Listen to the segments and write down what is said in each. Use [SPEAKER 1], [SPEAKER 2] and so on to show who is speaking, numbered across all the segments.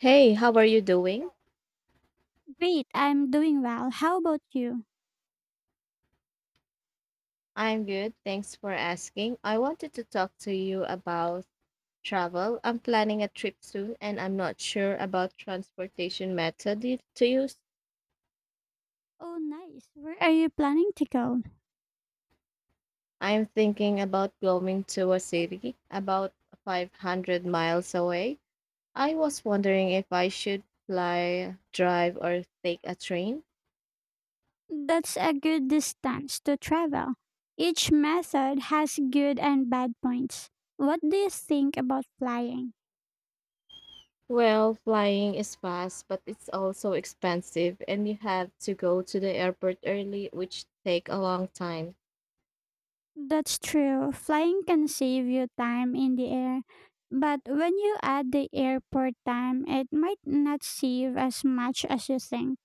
[SPEAKER 1] Hey, how are you doing?
[SPEAKER 2] Great, I'm doing well. How about you?
[SPEAKER 1] I'm good. Thanks for asking. I wanted to talk to you about travel. I'm planning a trip soon and I'm not sure about transportation to use.
[SPEAKER 2] Oh, nice. Where are you planning to go?
[SPEAKER 1] I'm thinking about going to a city about 500 miles away. I was wondering if I should fly, drive, or take a train.
[SPEAKER 2] That's a good distance to travel. Each method has good and bad points. What do you think about flying?
[SPEAKER 1] Well, flying is fast, but it's also expensive, and you have to go to the airport early, which take a long time.
[SPEAKER 2] That's true. Flying can save you time in the air, but when you add the airport time, it might not save as much as you think.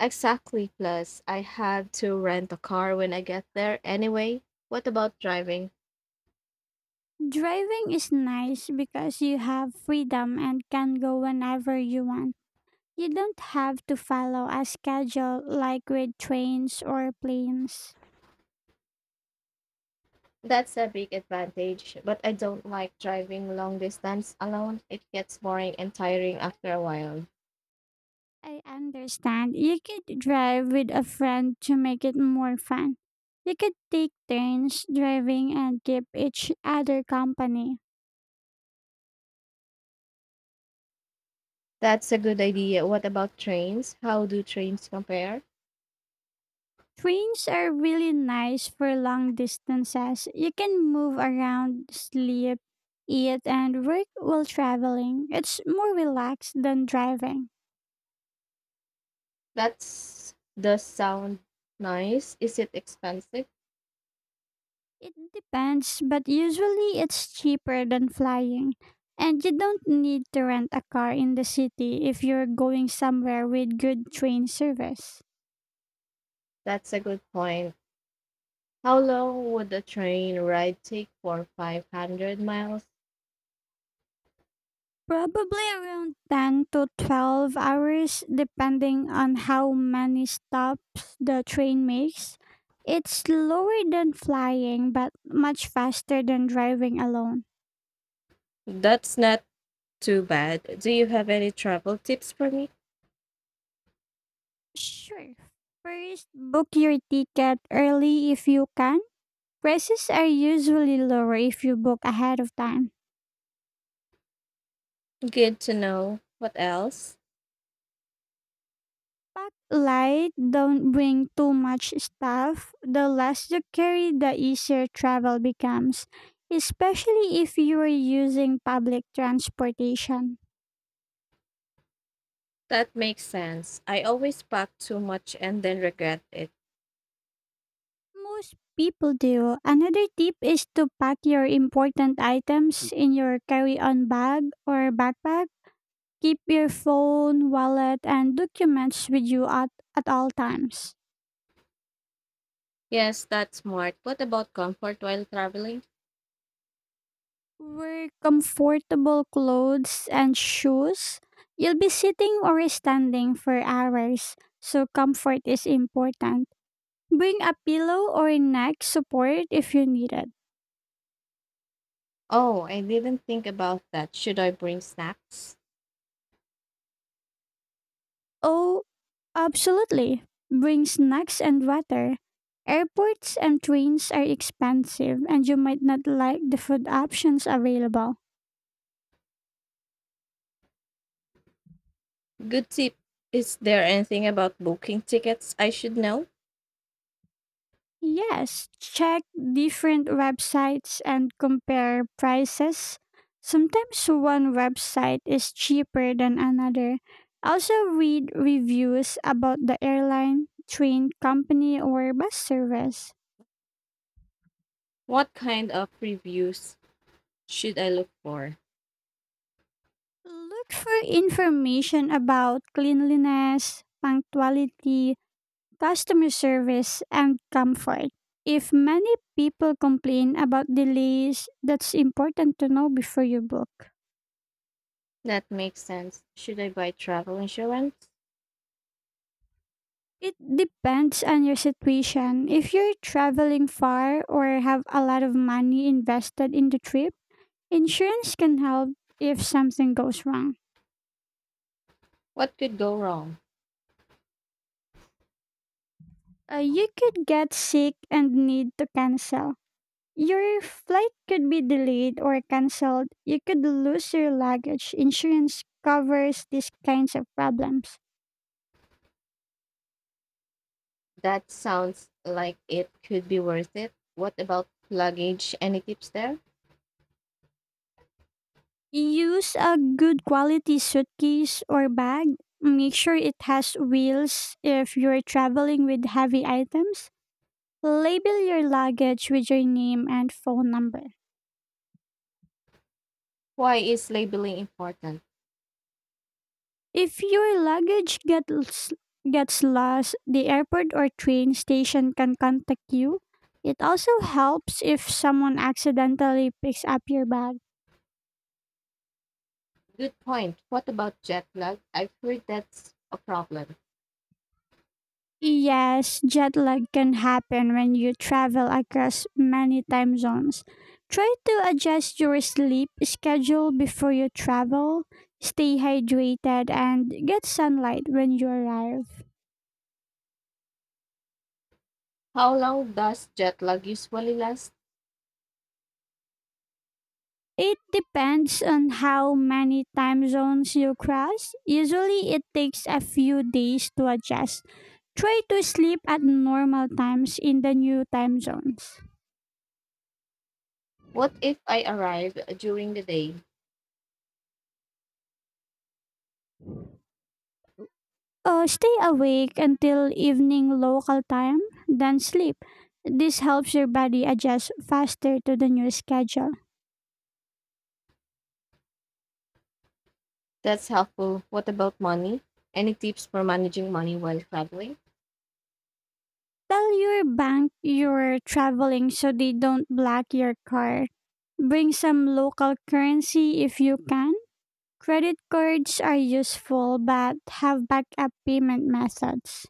[SPEAKER 1] Exactly. Plus, I have to rent a car when I get there anyway. What about driving?
[SPEAKER 2] Driving is nice because you have freedom and can go whenever you want. You don't have to follow a schedule like with trains or planes.
[SPEAKER 1] That's a big advantage, but I don't like driving long distance alone. It gets boring and tiring after a while.
[SPEAKER 2] I understand. You could drive with a friend to make it more fun. You could take turns driving and keep each other company.
[SPEAKER 1] That's a good idea. What about trains? How do trains compare?
[SPEAKER 2] Trains are really nice for long distances. You can move around, sleep, eat, and work while traveling. It's more relaxed than driving.
[SPEAKER 1] That's does sound nice. Is it expensive?
[SPEAKER 2] It depends, but usually it's cheaper than flying. And you don't need to rent a car in the city if you're going somewhere with good train service.
[SPEAKER 1] That's a good point. How long would a train ride take for 500 miles?
[SPEAKER 2] Probably around 10 to 12 hours, depending on how many stops the train makes. It's slower than flying, but much faster than driving alone.
[SPEAKER 1] That's not Too bad. Do you have any travel tips for me?
[SPEAKER 2] Sure. First, book your ticket early if you can. Prices are usually lower if you book ahead of time.
[SPEAKER 1] Good to know. What else?
[SPEAKER 2] Pack light, don't bring too much stuff. The less you carry, the easier travel becomes, especially if you are using public transportation.
[SPEAKER 1] That makes sense. I always pack too much and then regret it.
[SPEAKER 2] Most people do. Another tip is to pack your important items in your carry on bag or backpack. Keep your phone, wallet, and documents with you at all times.
[SPEAKER 1] Yes, that's smart. What about comfort while traveling?
[SPEAKER 2] Wear comfortable clothes and shoes. You'll be sitting or standing for hours, so comfort is important. Bring a pillow or neck support if you need it.
[SPEAKER 1] Oh, I didn't think about that. Should I bring snacks?
[SPEAKER 2] Oh, absolutely. Bring snacks and water. Airports and trains are expensive, and you might not like the food options available.
[SPEAKER 1] Good tip. Is there anything about booking tickets I should know?
[SPEAKER 2] Yes, check different websites and compare prices. Sometimes one website is cheaper than another. Also, read reviews about the airline, train company, or bus service.
[SPEAKER 1] What kind of reviews should I look for?
[SPEAKER 2] Look for information about cleanliness, punctuality, customer service, and comfort. If many people complain about delays, that's important to know before you book.
[SPEAKER 1] That makes sense. Should I buy travel insurance?
[SPEAKER 2] It depends on your situation. If you're traveling far or have a lot of money invested in the trip, insurance can help if something goes wrong.
[SPEAKER 1] What could go wrong?
[SPEAKER 2] You could get sick and need to cancel. Your flight could be delayed or canceled. You could lose your luggage. Insurance covers these kinds of problems.
[SPEAKER 1] That sounds like it could be worth it. What about luggage? Any tips there?
[SPEAKER 2] Use a good quality suitcase or bag. Make sure it has wheels if you're traveling with heavy items. Label your luggage with your name and phone number.
[SPEAKER 1] Why is labeling important?
[SPEAKER 2] If your luggage gets lost, the airport or train station can contact you. It also helps if someone accidentally picks up your bag.
[SPEAKER 1] Good point. What about jet lag? I've heard that's a problem.
[SPEAKER 2] Yes, jet lag can happen when you travel across many time zones. Try to adjust your sleep schedule before you travel. Stay hydrated and get sunlight when you arrive.
[SPEAKER 1] How long does jet lag usually last?
[SPEAKER 2] It depends on how many time zones you cross. Usually, it takes a few days to adjust. Try to sleep at normal times in the new time zones.
[SPEAKER 1] What if I arrive during the day?
[SPEAKER 2] Stay awake until evening local time, then sleep. This helps your body adjust faster to the new schedule.
[SPEAKER 1] That's helpful. What about money? Any tips for managing money while traveling?
[SPEAKER 2] Tell your bank you're traveling so they don't block your card. Bring some local currency if you can. Credit cards are useful but have backup payment methods.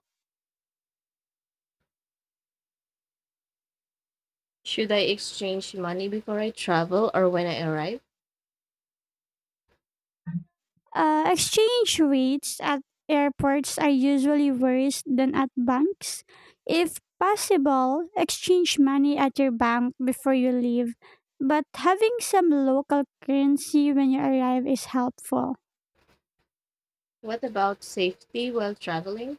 [SPEAKER 1] Should I exchange money before I travel or when I arrive?
[SPEAKER 2] Exchange rates at airports are usually worse than at banks. If possible, exchange money at your bank before you leave, but having some local currency when you arrive is helpful.
[SPEAKER 1] What about safety while traveling?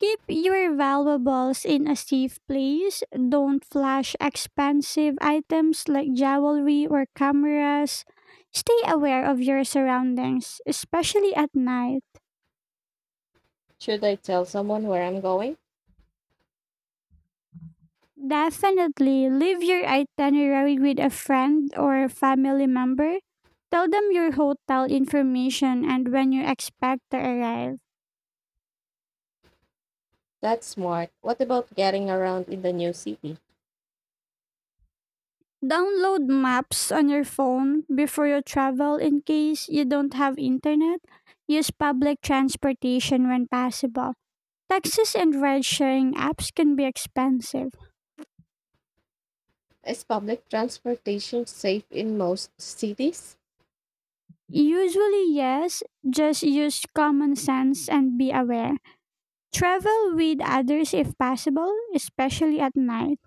[SPEAKER 2] Keep your valuables in a safe place. Don't flash expensive items like jewelry or cameras. Stay aware of your surroundings, especially at night.
[SPEAKER 1] Should I tell someone where I'm going?
[SPEAKER 2] Definitely leave your itinerary with a friend or a family member. Tell them your hotel information and when you expect to arrive.
[SPEAKER 1] That's smart. What about getting around in the new city?
[SPEAKER 2] Download maps on your phone before you travel in case you don't have internet. Use public transportation when possible. Taxis and ride sharing apps can be expensive.
[SPEAKER 1] Is public transportation safe in most cities?
[SPEAKER 2] Usually, yes, just use common sense and be aware. Travel with others if possible, especially at night.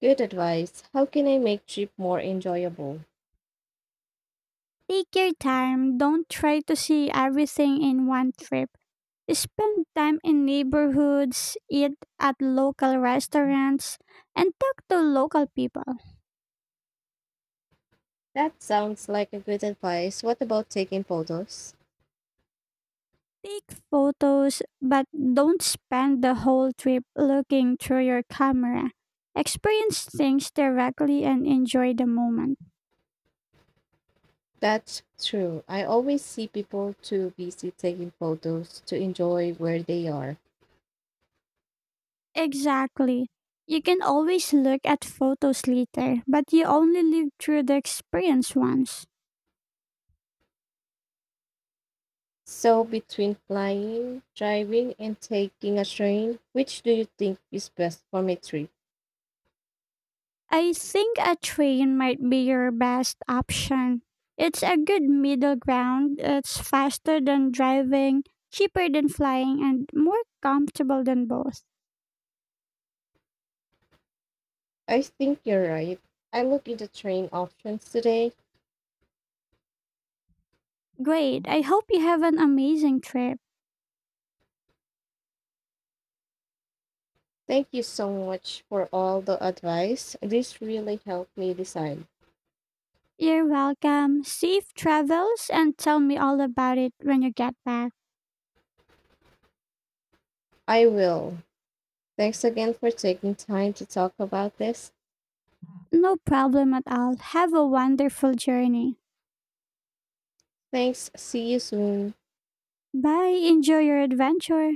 [SPEAKER 1] Good advice. How can I make trip more enjoyable?
[SPEAKER 2] Take your time. Don't try to see everything in one trip. Spend time in neighborhoods, eat at local restaurants, and talk to local people.
[SPEAKER 1] That sounds like a good advice. What about taking photos?
[SPEAKER 2] Take photos, but don't spend the whole trip looking through your camera. Experience things directly and enjoy the moment.
[SPEAKER 1] That's true. I always see people too busy taking photos to enjoy where they are.
[SPEAKER 2] Exactly. You can always look at photos later, but you only live through the experience once.
[SPEAKER 1] So between flying, driving, and taking a train, which do you think is best for my trip?
[SPEAKER 2] I think a train might be your best option. It's a good middle ground. It's faster than driving, cheaper than flying, and more comfortable than both.
[SPEAKER 1] I think you're right. I look into train options today.
[SPEAKER 2] Great. I hope you have an amazing trip.
[SPEAKER 1] Thank you so much for all the advice. This really helped me decide.
[SPEAKER 2] You're welcome. Safe travels and tell me all about it when you get back.
[SPEAKER 1] I will. Thanks again for taking time to talk about this.
[SPEAKER 2] No problem at all. Have a wonderful journey.
[SPEAKER 1] Thanks. See you soon.
[SPEAKER 2] Bye. Enjoy your adventure.